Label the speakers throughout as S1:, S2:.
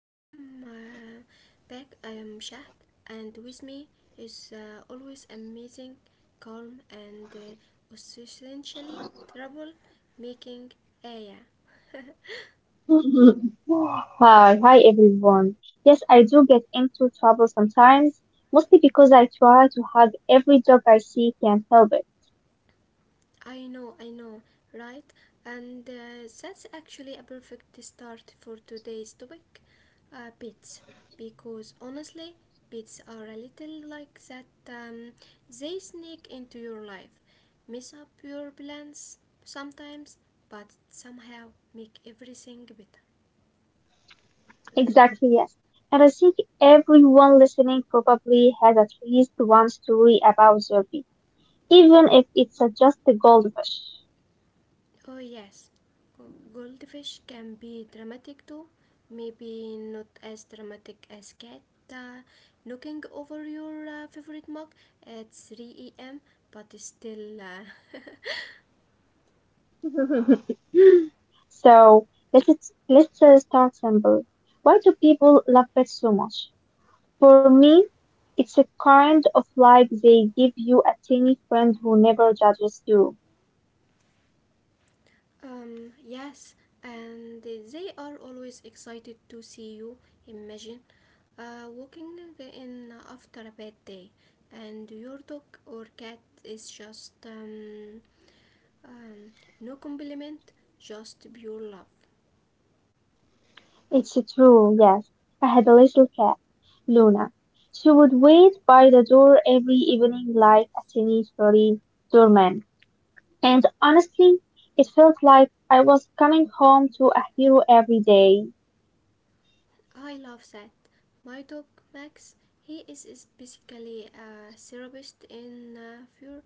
S1: welcome back. I am Shahd, and with me is always amazing, calm, and essentially trouble making Aya.
S2: Hi, everyone. Yes, I do get into trouble sometimes, mostly because I try to hug every dog I see can't help it.
S1: I know, right? And that's actually a perfect start for today's topic pets. Because honestly, pets are a little like that. They sneak into your life, mess up your plans sometimes, but somehow make everything better.
S2: Exactly, yes. And I think everyone listening probably has at least one story about Zerby, even if it's just a goldfish.
S1: Oh, yes. Goldfish can be dramatic too. Maybe not as dramatic as cat uh, knocking over your favorite mug at 3 a.m., but still,
S2: So let's start simple. Why do people love pets so much? For me, it's a kind of like they give you a tiny friend who never judges you.
S1: yes. And they are always excited to see you. Imagine walking in after a bad day, and your dog or cat is just um, no compliment, just pure love.
S2: It's true, yes. I had a little cat, Luna. She would wait by the door every evening like a tiny furry doorman. And honestly, it felt like I was coming home to a hero every day.
S1: I love that. My dog Max, he is basically a therapist in fur.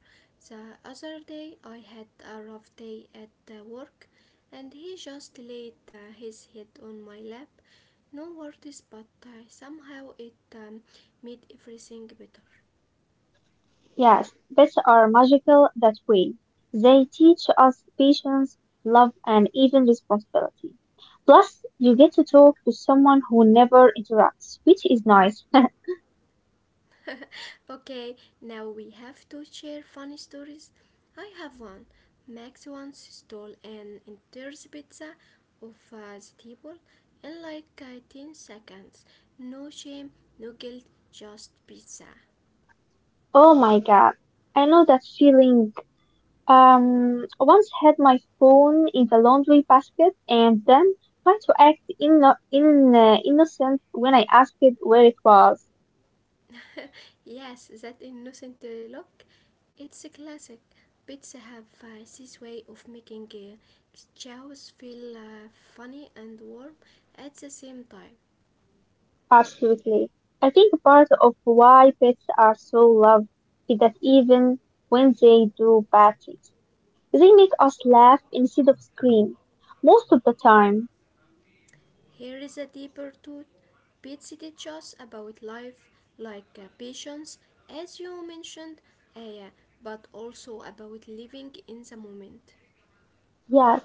S1: The other day I had a rough day at work and he just laid his head on my lap. No words, but somehow it made everything better.
S2: Yes, pets are magical that way. They teach us patience, love, and even responsibility. Plus, you get to talk to someone who never interrupts, which is nice.
S1: Okay, now we have to share funny stories. I have one. Max once stole an entire pizza off the table in like 10 seconds. No shame, no guilt, just pizza.
S2: Oh my God, I know that feeling. I once had my phone in the laundry basket and then tried to act innocent when I asked it where it was.
S1: Yes, that innocent look. It's a classic. Pizza have this way of making chows feel funny and warm at the same time.
S2: Absolutely. I think part of why pets are so loved is that even when they do bad things, they make us laugh instead of scream. Most of the time,
S1: Here is a deeper thought. Pete it about life, like patience, as you mentioned, uh, but also about living in the moment.
S2: yes,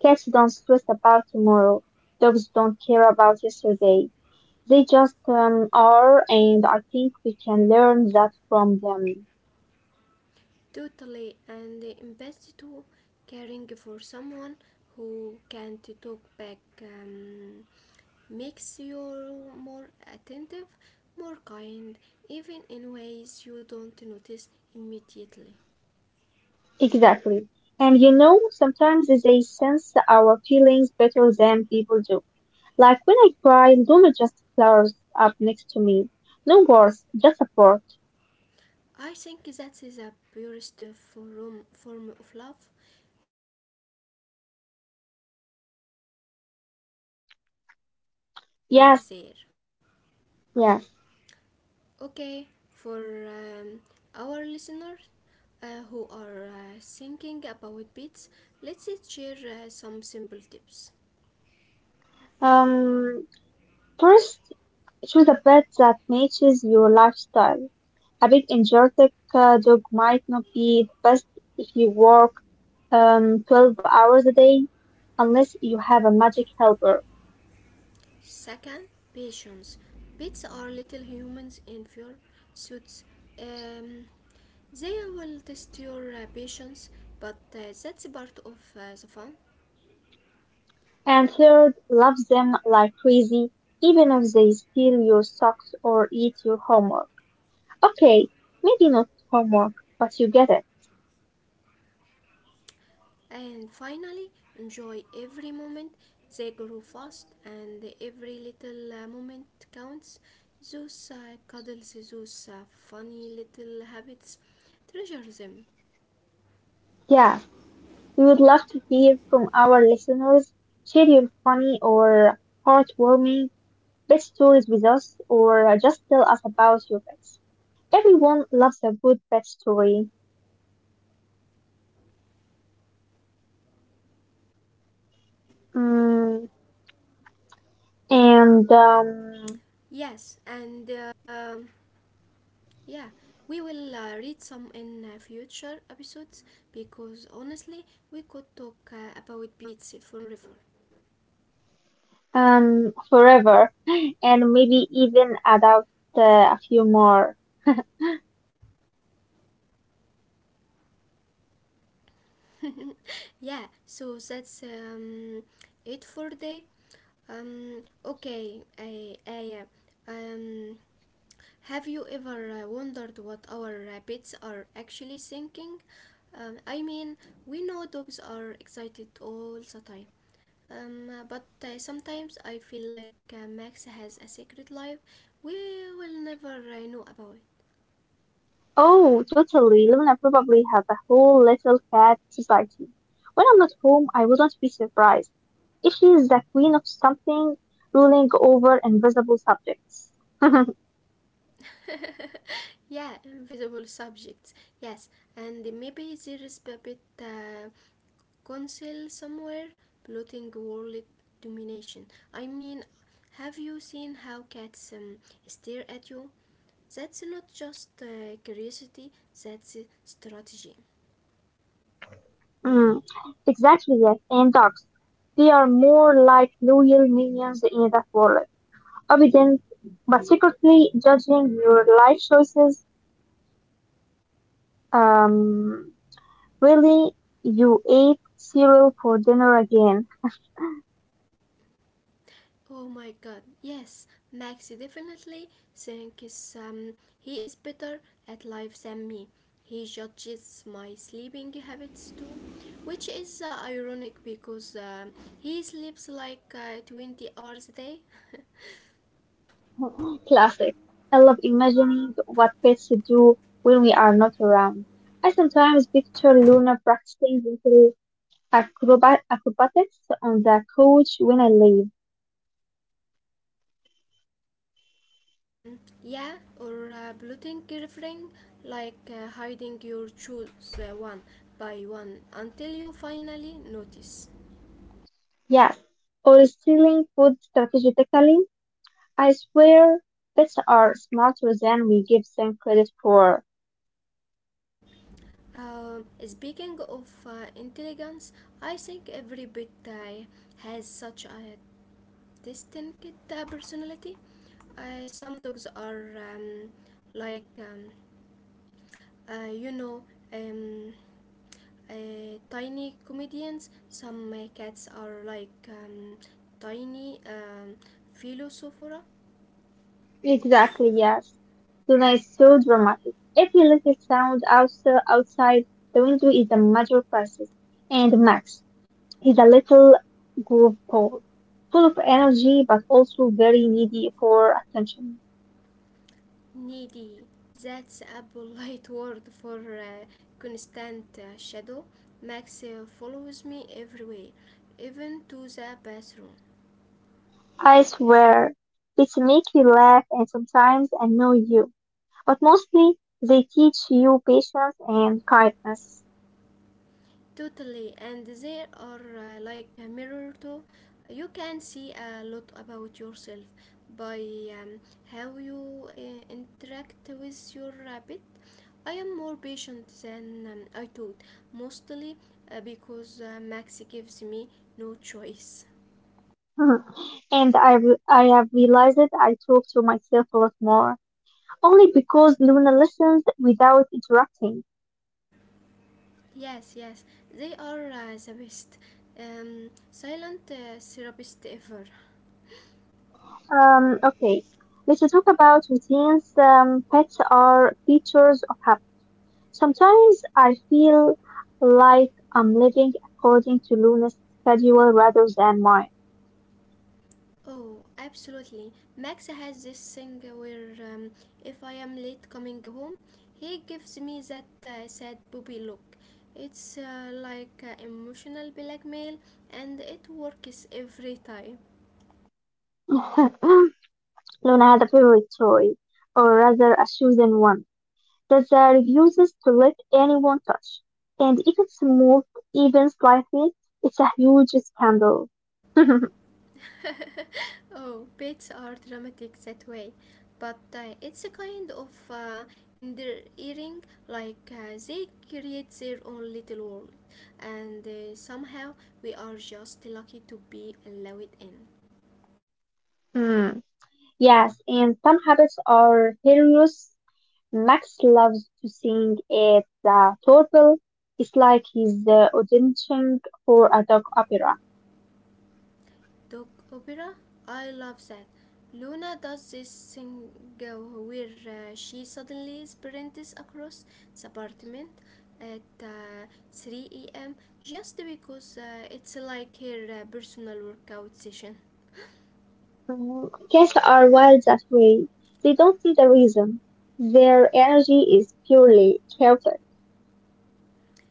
S2: cats don't stress about tomorrow. Dogs don't care about yesterday. They just are, and I think we can learn that from them.
S1: Totally, and empathy to, caring for someone who can't talk back makes you more attentive, more kind, even in ways you don't notice immediately.
S2: Exactly. And you know, sometimes they sense our feelings better than people do. Like when I cry, Luna just flowers up next to me. No words, just support.
S1: I think that is a purest form of love. It's not complicated, no uh, genitas, just being
S2: Yes,
S1: there.
S2: yes.
S1: Okay, for um, our listeners who are thinking about pets, let's share some simple tips.
S2: Um, first, choose a pet that matches your lifestyle. A big energetic dog might not be the best if you work 12 hours a day, unless you have a magic helper.
S1: Second, patience. Pets are little humans in fur suits. Um, they will test your patience, but that's part of the fun.
S2: And third, love them like crazy, even if they steal your socks or eat your homework. Okay, maybe not homework, but you get it.
S1: And finally, enjoy every moment. They grow fast, and every little moment counts. Those cuddles, those funny little habits, treasure them.
S2: Yeah, we would love to hear from our listeners. Share your funny or heartwarming pet stories with us, or just tell us about your pets. Everyone loves a good pet story. Mm, and
S1: Yes, and yeah, we will read some in future episodes because honestly, we could talk about pizza forever.
S2: forever, and maybe even add out a few more.
S1: Yeah, so that's it for today. Um, okay, have you ever wondered what our pets are actually thinking? I mean, we know dogs are excited all the time. But sometimes I feel like Max has a secret life we will never know about.
S2: Oh, totally. Luna probably has a whole little cat society. When I'm not home, I wouldn't be surprised. She is the queen of something, ruling over invisible subjects.
S1: Yeah, invisible subjects. Yes, and maybe there is a bit council somewhere plotting world domination. I mean, have you seen how cats stare at you? That's not just curiosity, that's strategy.
S2: Mm, exactly, yes. And dogs. They are more like loyal minions in that world, obedient but secretly judging your life choices. Um, really, you ate cereal for dinner again.
S1: Oh my god, yes, Maxi definitely Think is he is better at life than me. He judges my sleeping habits too, which is ironic because he sleeps like 20 hours a day.
S2: Classic. I love imagining what pets do when we are not around. I sometimes picture Luna practicing acrobatics on the couch when I leave.
S1: Yeah, or bloating refrain like hiding your shoes one by one until you finally notice.
S2: Yes, or stealing food strategically. I swear, pets are smarter than we give them credit for.
S1: Speaking of intelligence, I think every pet has such a distinct personality. Some dogs are like, uh, you know, um, tiny comedians. Some cats are like tiny philosophers.
S2: Exactly, yes. Tonight is so dramatic. Every little sound outside the window is a major crisis. And Max is a little groove ball, full of energy but also very needy for attention.
S1: Needy. That's a polite word for constant shadow. Max follows me everywhere, even to the bathroom.
S2: I swear, it's make you laugh and sometimes annoy you. But mostly, they teach you patience and kindness.
S1: Totally, and there are like a mirror too. You can see a lot about yourself by um, how you interact with your rabbit. I am more patient than I thought, mostly because Max gives me no choice.
S2: and I have realized that I talk to myself a lot more, only because Luna listens without interrupting.
S1: Yes, yes, they are the best. Silent therapist ever.
S2: Okay, let's talk about routines. Pets are features of habit. Sometimes I feel like I'm living according to Luna's schedule rather than mine.
S1: Oh, absolutely. Max has this thing where if I am late coming home, he gives me that sad puppy look. It's like emotional blackmail, and it works every time.
S2: Luna had a favorite toy, or rather a chosen one, that the refuses to let anyone touch. And if it's moved even slightly, it's a huge scandal.
S1: Oh, pets are dramatic that way, but it's a kind of endearing, like they create their own little world, and somehow we are just lucky to be allowed in.
S2: Hmm. Yes, and some habits are hilarious. Max loves to sing at the Torpil. It's like he's auditioning for a dog opera.
S1: Dog opera? I love that. Luna does this thing where she suddenly sprints across the apartment at 3 a.m. just because it's like her personal workout session.
S2: Mm, cats are wild that way. They don't see the reason. Their energy is purely chaotic.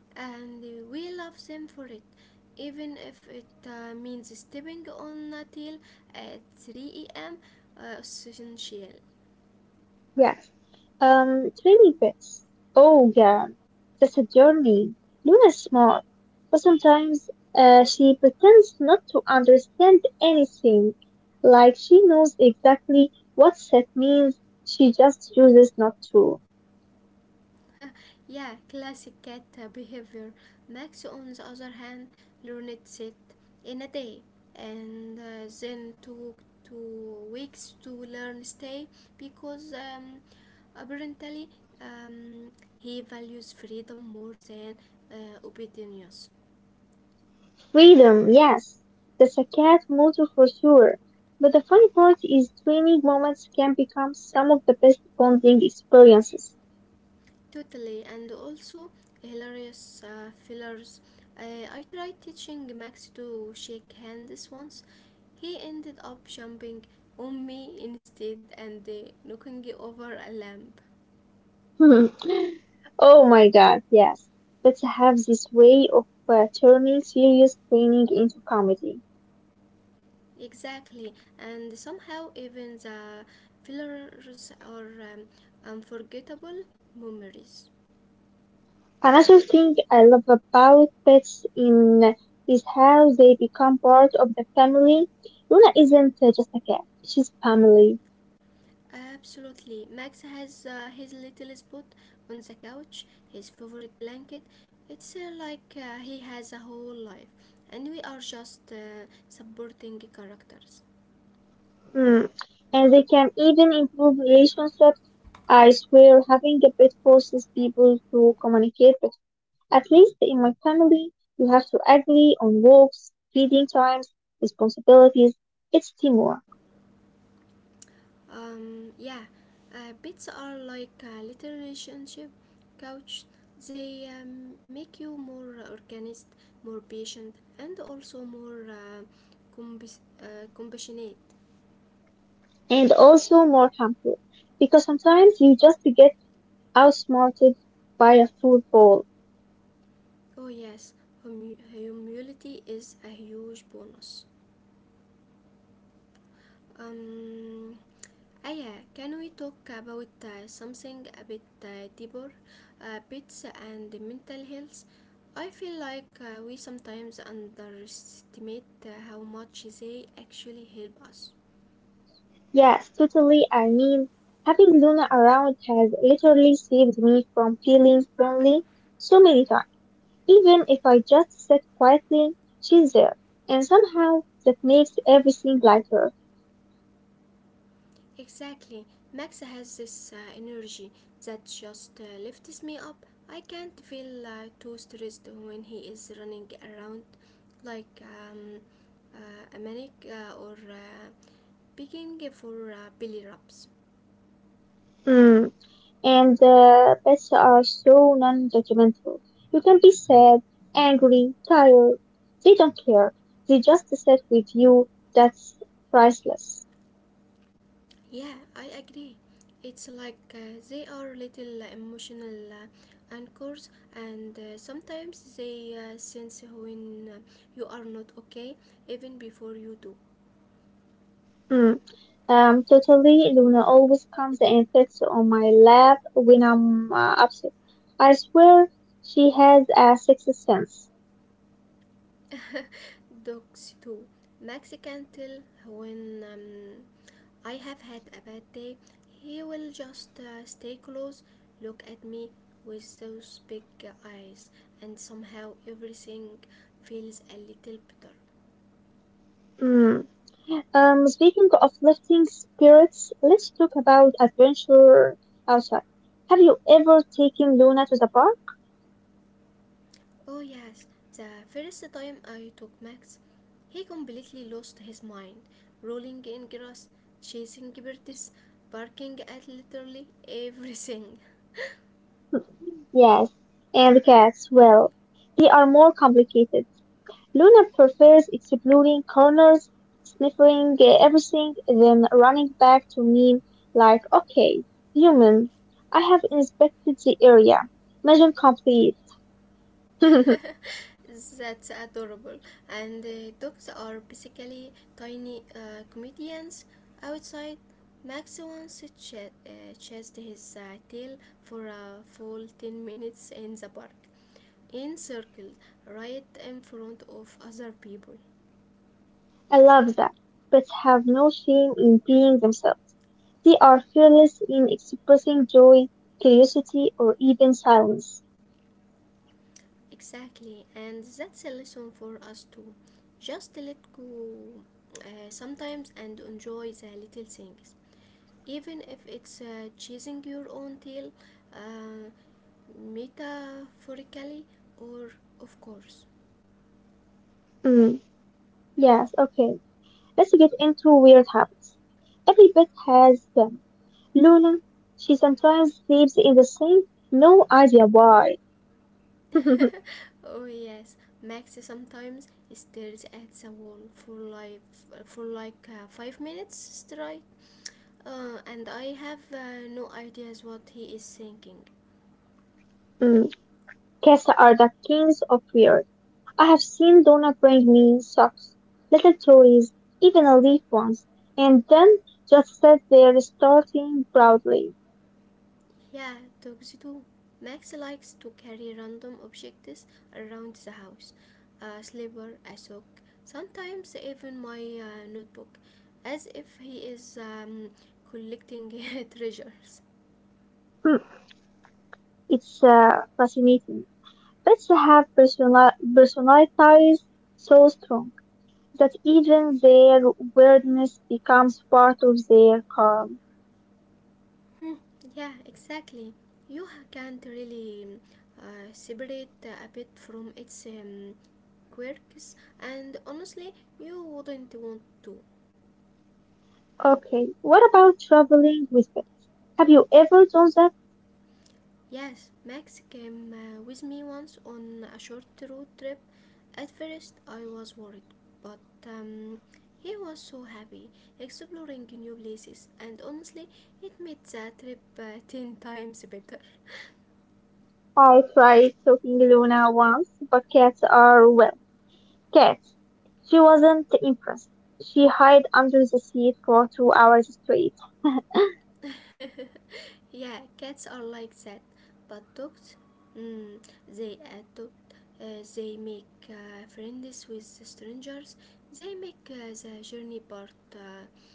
S1: And we love them for it, even if it means stepping on a tail at 3 a.m. Essential.
S2: Yes. It really fits. Oh, yeah. That's a journey. Luna's smart, but sometimes she pretends not to understand anything. Like she knows exactly what set means, she just chooses not to.
S1: Yeah, classic cat behavior. Max, on the other hand, learned it in a day and then took 2 weeks to learn stay because apparently um, he values freedom more than obedience.
S2: Freedom, yes. That's a cat motto for sure. But the funny part is training moments can become some of the best bonding experiences.
S1: Totally, and also hilarious fillers. I tried teaching Max to shake hands once. He ended up jumping on me instead and knocking over a lamp.
S2: Oh my God, yes. Pets have this way of turning serious training into comedy.
S1: Exactly, and somehow even the fillers are unforgettable memories.
S2: Another thing I love about pets in is how they become part of the family. Luna isn't just a cat; she's family.
S1: Absolutely. Max has his little spot on the couch, his favorite blanket. It's like he has a whole life, and we are just supporting characters.
S2: Hmm. And they can even improve relationships. I swear, having a pet forces people to communicate. But at least in my family, you have to agree on walks, feeding times, responsibilities. It's teamwork.
S1: Yeah, pets are like a little relationship couch. They make you more organized, more patient, and also more compassionate.
S2: And also more harmful because sometimes you just get outsmarted by a football.
S1: Oh, yes, humility is a huge bonus. Um, Aya, can we talk about something a bit deeper? Pets and mental health. I feel like we sometimes underestimate how much they actually help us.
S2: Yes, totally. I mean, having Luna around has literally saved me from feeling lonely so many times. Even if I just sit quietly, she's there, and somehow that makes everything lighter.
S1: Exactly. Max has this energy that just lifts me up. I can't feel too stressed when he is running around like a maniac or begging for belly rubs.
S2: Hmm. And the pets are so non-judgmental. You can be sad, angry, tired. They don't care. They just sit with you. That's priceless.
S1: Yeah, I agree. It's like they are little emotional anchors, and sometimes they sense when you are not okay, even before you do.
S2: Mm. Totally. Luna always comes and sits on my lap when I'm upset. I swear she has a sixth sense.
S1: Dogs too. Max can tell when I have had a bad day. He will just stay close, look at me with those big eyes, and somehow everything feels a little better.
S2: Mm. Speaking of lifting spirits, let's talk about adventure outside. Have you ever taken Luna to the park?
S1: Oh, yes, the first time I took Max, he completely lost his mind, rolling in grass, chasing birds, barking at literally everything.
S2: Yes, and the cats, well, they are more complicated. Luna prefers exploring corners, sniffing everything, then running back to me like, okay, human, I have inspected the area. Mission complete. I
S1: That's adorable. And the dogs are basically tiny comedians outside. Max once chased his tail for a full 10 minutes in the park, in circle, right in front of other people.
S2: love that, but have no shame in being themselves. They are fearless in expressing joy, curiosity, or even silence.
S1: Exactly, and that's a lesson for us too. Just let go sometimes and enjoy the little things, even if it's chasing your own tail uh, metaphorically or of course.
S2: Mm, yes, okay. Let's get into weird habits. Every pet has them. Luna, she sometimes sleeps in the sink. No idea why.
S1: Oh yes, Max sometimes stares at the wall for like 5 minutes straight and I have no ideas what he is thinking.
S2: Mm, cats are the kings of weird. I have seen Donna bring me socks, little toys, even a leaf once, and then just sit there starting proudly.
S1: Yeah, dogs do. Max likes to carry random objects around the house, a slipper, a sock, sometimes even my notebook, as if he is collecting treasures.
S2: Hmm, it's fascinating. Pets have personalities so strong, that even their weirdness becomes part of their calm.
S1: Hmm, yeah, exactly. You can't really separate a bit from its quirks, and honestly, you wouldn't want to.
S2: Okay, what about traveling with pets? Have you ever done that?
S1: Yes, Max came with me once on a short road trip. At first, I was worried, but um, he was so happy exploring new places, and honestly, it made the trip 10 times better.
S2: I tried taking Luna once, but cats are, well, cats. She wasn't impressed. She hid under the seat for 2 hours straight.
S1: Yeah, cats are like that, but dogs, mm, they adopt, they make friends with strangers, they make the journey part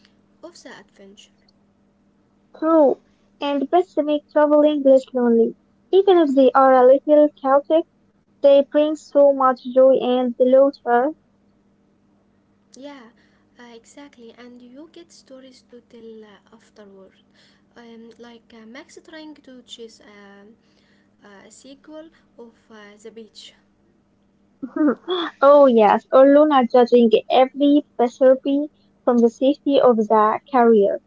S1: of the adventure.
S2: True, and pets make traveling less lonely. Even if they are a little chaotic, they bring so much joy and laughter.
S1: Yeah, exactly. And you get stories to tell afterward. Like Max trying to chase a sequel of The Beach.
S2: Oh, yes, or Luna judging every recipe from the safety of the carrier.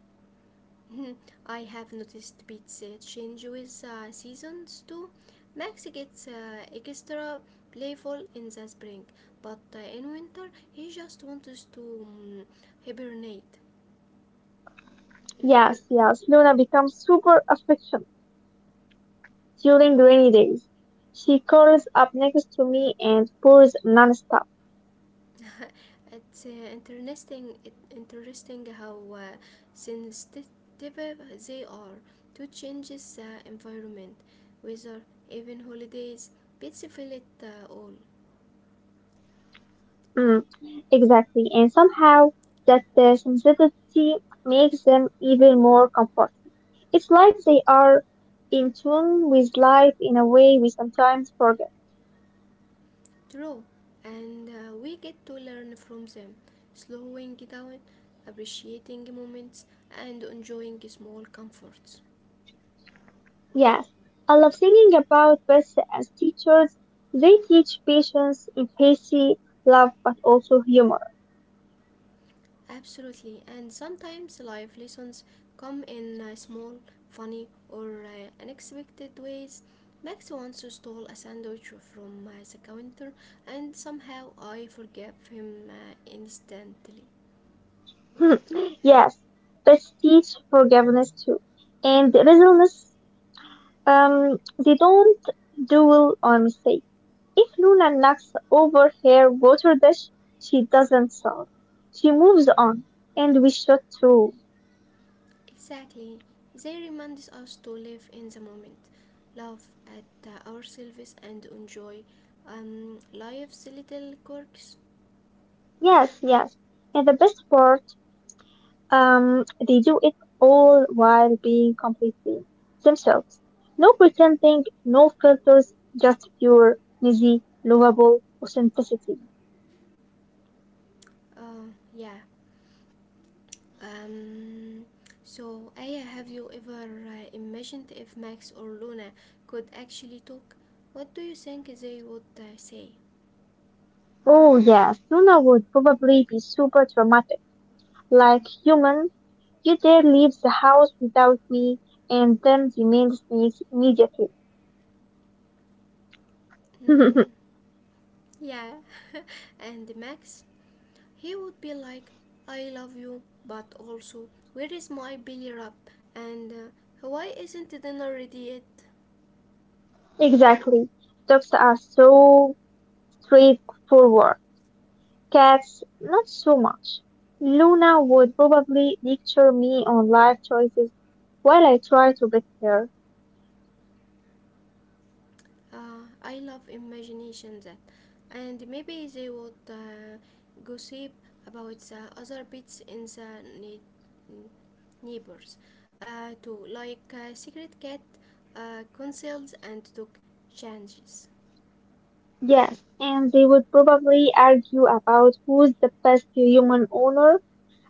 S1: Mhm. I have noticed beats change with seasons too. Max gets extra playful in the spring, but in winter he just wants to um, hibernate.
S2: Yes, yes, Luna becomes super affectionate during rainy days. She curls up next to me and purrs nonstop.
S1: It's interesting how sensitive they are to changes, environment, weather, even holidays, pets feel it all.
S2: Mm, exactly, and somehow that sensitivity makes them even more comfortable. It's like they are in tune with life in a way we sometimes forget.
S1: True, and we get to learn from them, slowing down, appreciating moments, and enjoying small comforts.
S2: Yes, I love thinking about pets as teachers. They teach patience, empathy, love, but also humor.
S1: Absolutely, and sometimes life lessons come in small, funny, or unexpected ways. Max once stole a sandwich from the counter, and somehow I forgave him instantly.
S2: yes, pets teach forgiveness too, and resilience. They don't dwell on mistake. If Luna knocks over her water dish, she doesn't sob. She moves on, and we should too.
S1: Exactly, they remind us to live in the moment, love at our and enjoy life's little quirks.
S2: Yes, yes. And the best part. They do it all while being completely themselves. No pretending, no filters, just pure, easy, lovable authenticity.
S1: Uh, yeah, Um, so, Aya, have you ever imagined if Max or Luna could actually talk? What do you think they would say?
S2: Oh yes, Luna would probably be super dramatic. Like human, you dare leave the house without me, and then the man sneaks immediately.
S1: Mm, yeah, and Max? He would be like, I love you, but also, where is my belly rub? And why isn't dinner ready yet?
S2: exactly. Dogs are so straightforward. Cats, not so much. Luna would probably lecture me on life choices while I try to beat her.
S1: Uh, I love imagination that, and maybe they would gossip about the other bits in the ne- neighbors, too, like secret cat conceals and took changes.
S2: Yes, and they would probably argue about who's the best human owner.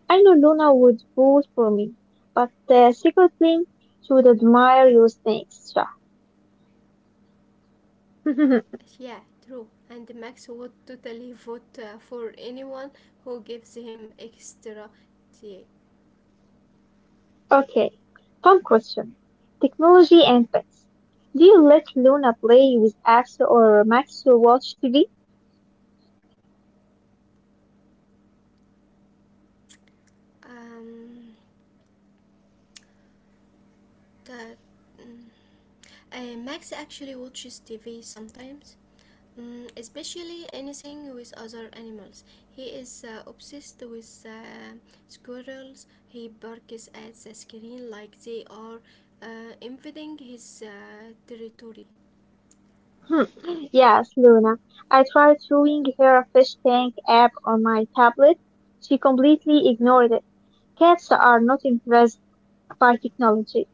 S2: I know Luna would vote for me, but secretly, she would admire your snakes. Shah.
S1: Yeah, true. And Max would totally vote for anyone who gives him extra tea.
S2: okay, fun question. Technology and pets. Do you let Luna play with apps or Max to watch TV?
S1: Um, that. Mm. Max actually watches TV sometimes. Mm, especially anything with other animals. He is obsessed with squirrels. He barks at the screen like they are invading his territory.
S2: Hmm, yes, Luna. I tried showing her a fish tank app on my tablet. She completely ignored it. Cats are not impressed by technology,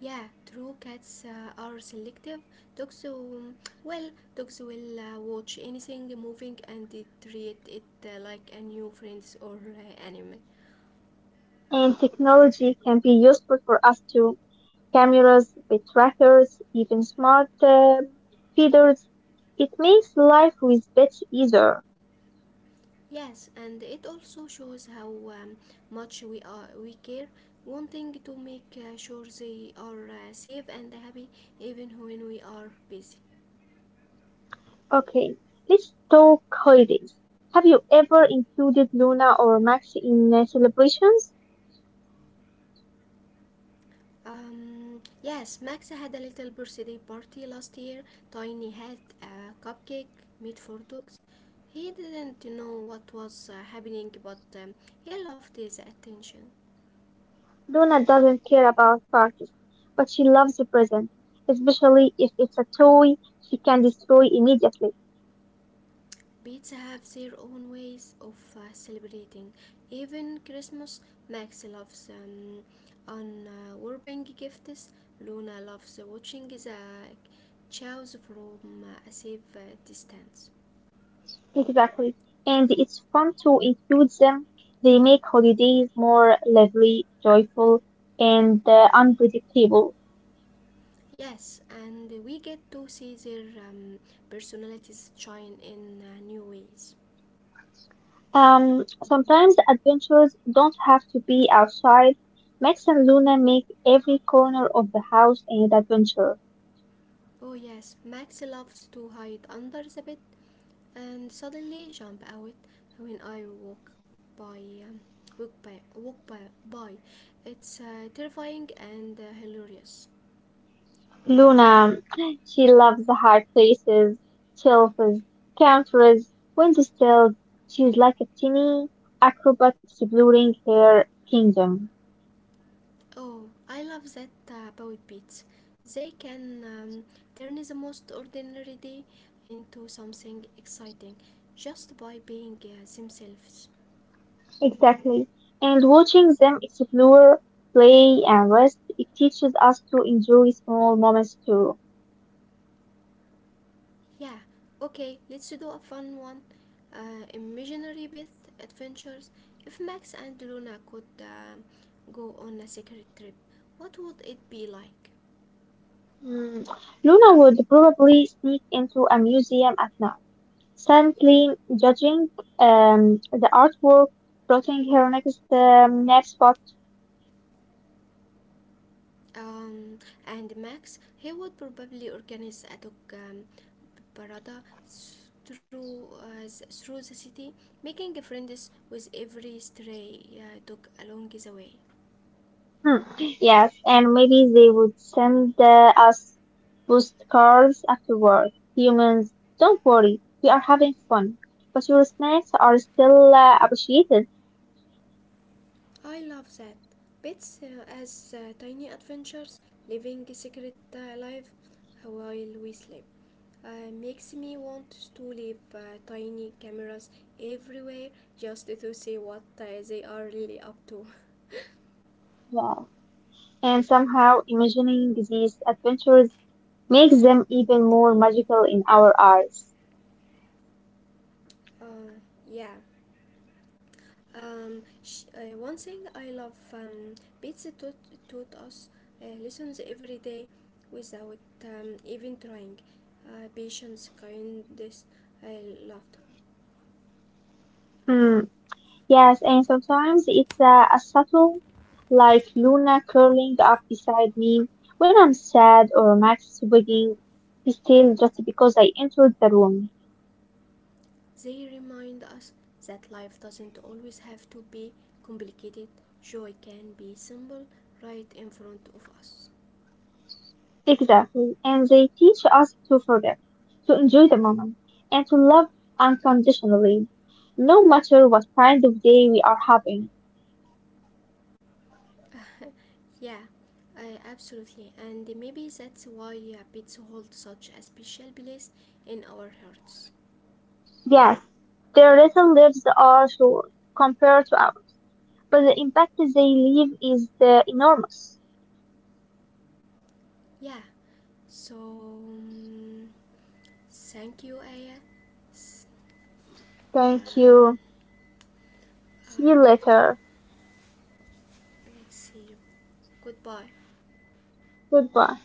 S1: Yeah, true. Cats are selective. Dogs, well, dogs will watch anything moving and they treat it like a new friend or enemy.
S2: and technology can be useful for us too. Cameras, pet trackers, even smart feeders. It makes life with pets easier.
S1: Yes, and it also shows how much we care, wanting to make sure they are safe and happy even when we are busy.
S2: Okay, let's talk holidays. Have you ever included Luna or Max in celebrations?
S1: Yes, Max had a little birthday party last year. Tiny had a cupcake made for dogs. He didn't know what was happening, but he loved his attention.
S2: Donna doesn't care about parties, but she loves presents, especially if it's a toy she can destroy immediately.
S1: Pizza have their own ways of celebrating. Even Christmas, Max loves unwrapping gifts. Luna loves watching the chows from a safe distance.
S2: Exactly. And it's fun to include them. They make holidays more lively, joyful, and unpredictable.
S1: Yes, and we get to see their personalities shine in new ways.
S2: Sometimes adventures don't have to be outside. Max and Luna make every corner of the house an adventure.
S1: Oh yes, Max loves to hide under the bed and suddenly jump out when I walk by um, walk by walk by by. It's terrifying and hilarious.
S2: Luna, she loves the hard places, shelves, counters, windowsills. She's like a teeny acrobat exploring her kingdom.
S1: Oh, I love that about pets. They can turn the most ordinary day into something exciting just by being themselves.
S2: Exactly. And watching them explore, play, and rest, it teaches us to enjoy small moments too.
S1: Yeah, okay, let's do a fun one. Imaginary Beth adventures. If Max and Luna could go on a secret trip, what would it be like?
S2: Hmm. Luna would probably sneak into a museum at night, silently judging the artwork, plotting her next spot.
S1: Um, and Max, he would probably organize a dog parada through the city, making friends with every stray dog along the way.
S2: Hmm. Yes, and maybe they would send us postcards afterward. Humans, don't worry, we are having fun. But your snacks are still appreciated.
S1: I love that. Pets as tiny adventures, living secret life while we sleep. Makes me want to leave tiny cameras everywhere just to see what they are really up to.
S2: Yeah. And somehow imagining these adventures makes them even more magical in our eyes.
S1: Uh, yeah. One thing I love, pizza taught us lessons every day without even trying. Patience, kindness, I loved.
S2: Hmm. Yes, and sometimes it's a subtle, like Luna curling up beside me when I'm sad or Max wigging his tail just because I entered the room.
S1: They remind us that life doesn't always have to be complicated, joy can be simple right in front of us.
S2: Exactly. And they teach us to forget, to enjoy the moment, and to love unconditionally, no matter what kind of day we are having.
S1: Yeah, I absolutely, and maybe that's why pets hold such a special place in our hearts.
S2: Yes, their little lives are short compared to ours, but the impact they leave is enormous.
S1: Yeah, so thank you, Aya.
S2: Thank
S1: Um,
S2: you. See you
S1: um,
S2: later.
S1: let's see you. Goodbye.
S2: Goodbye.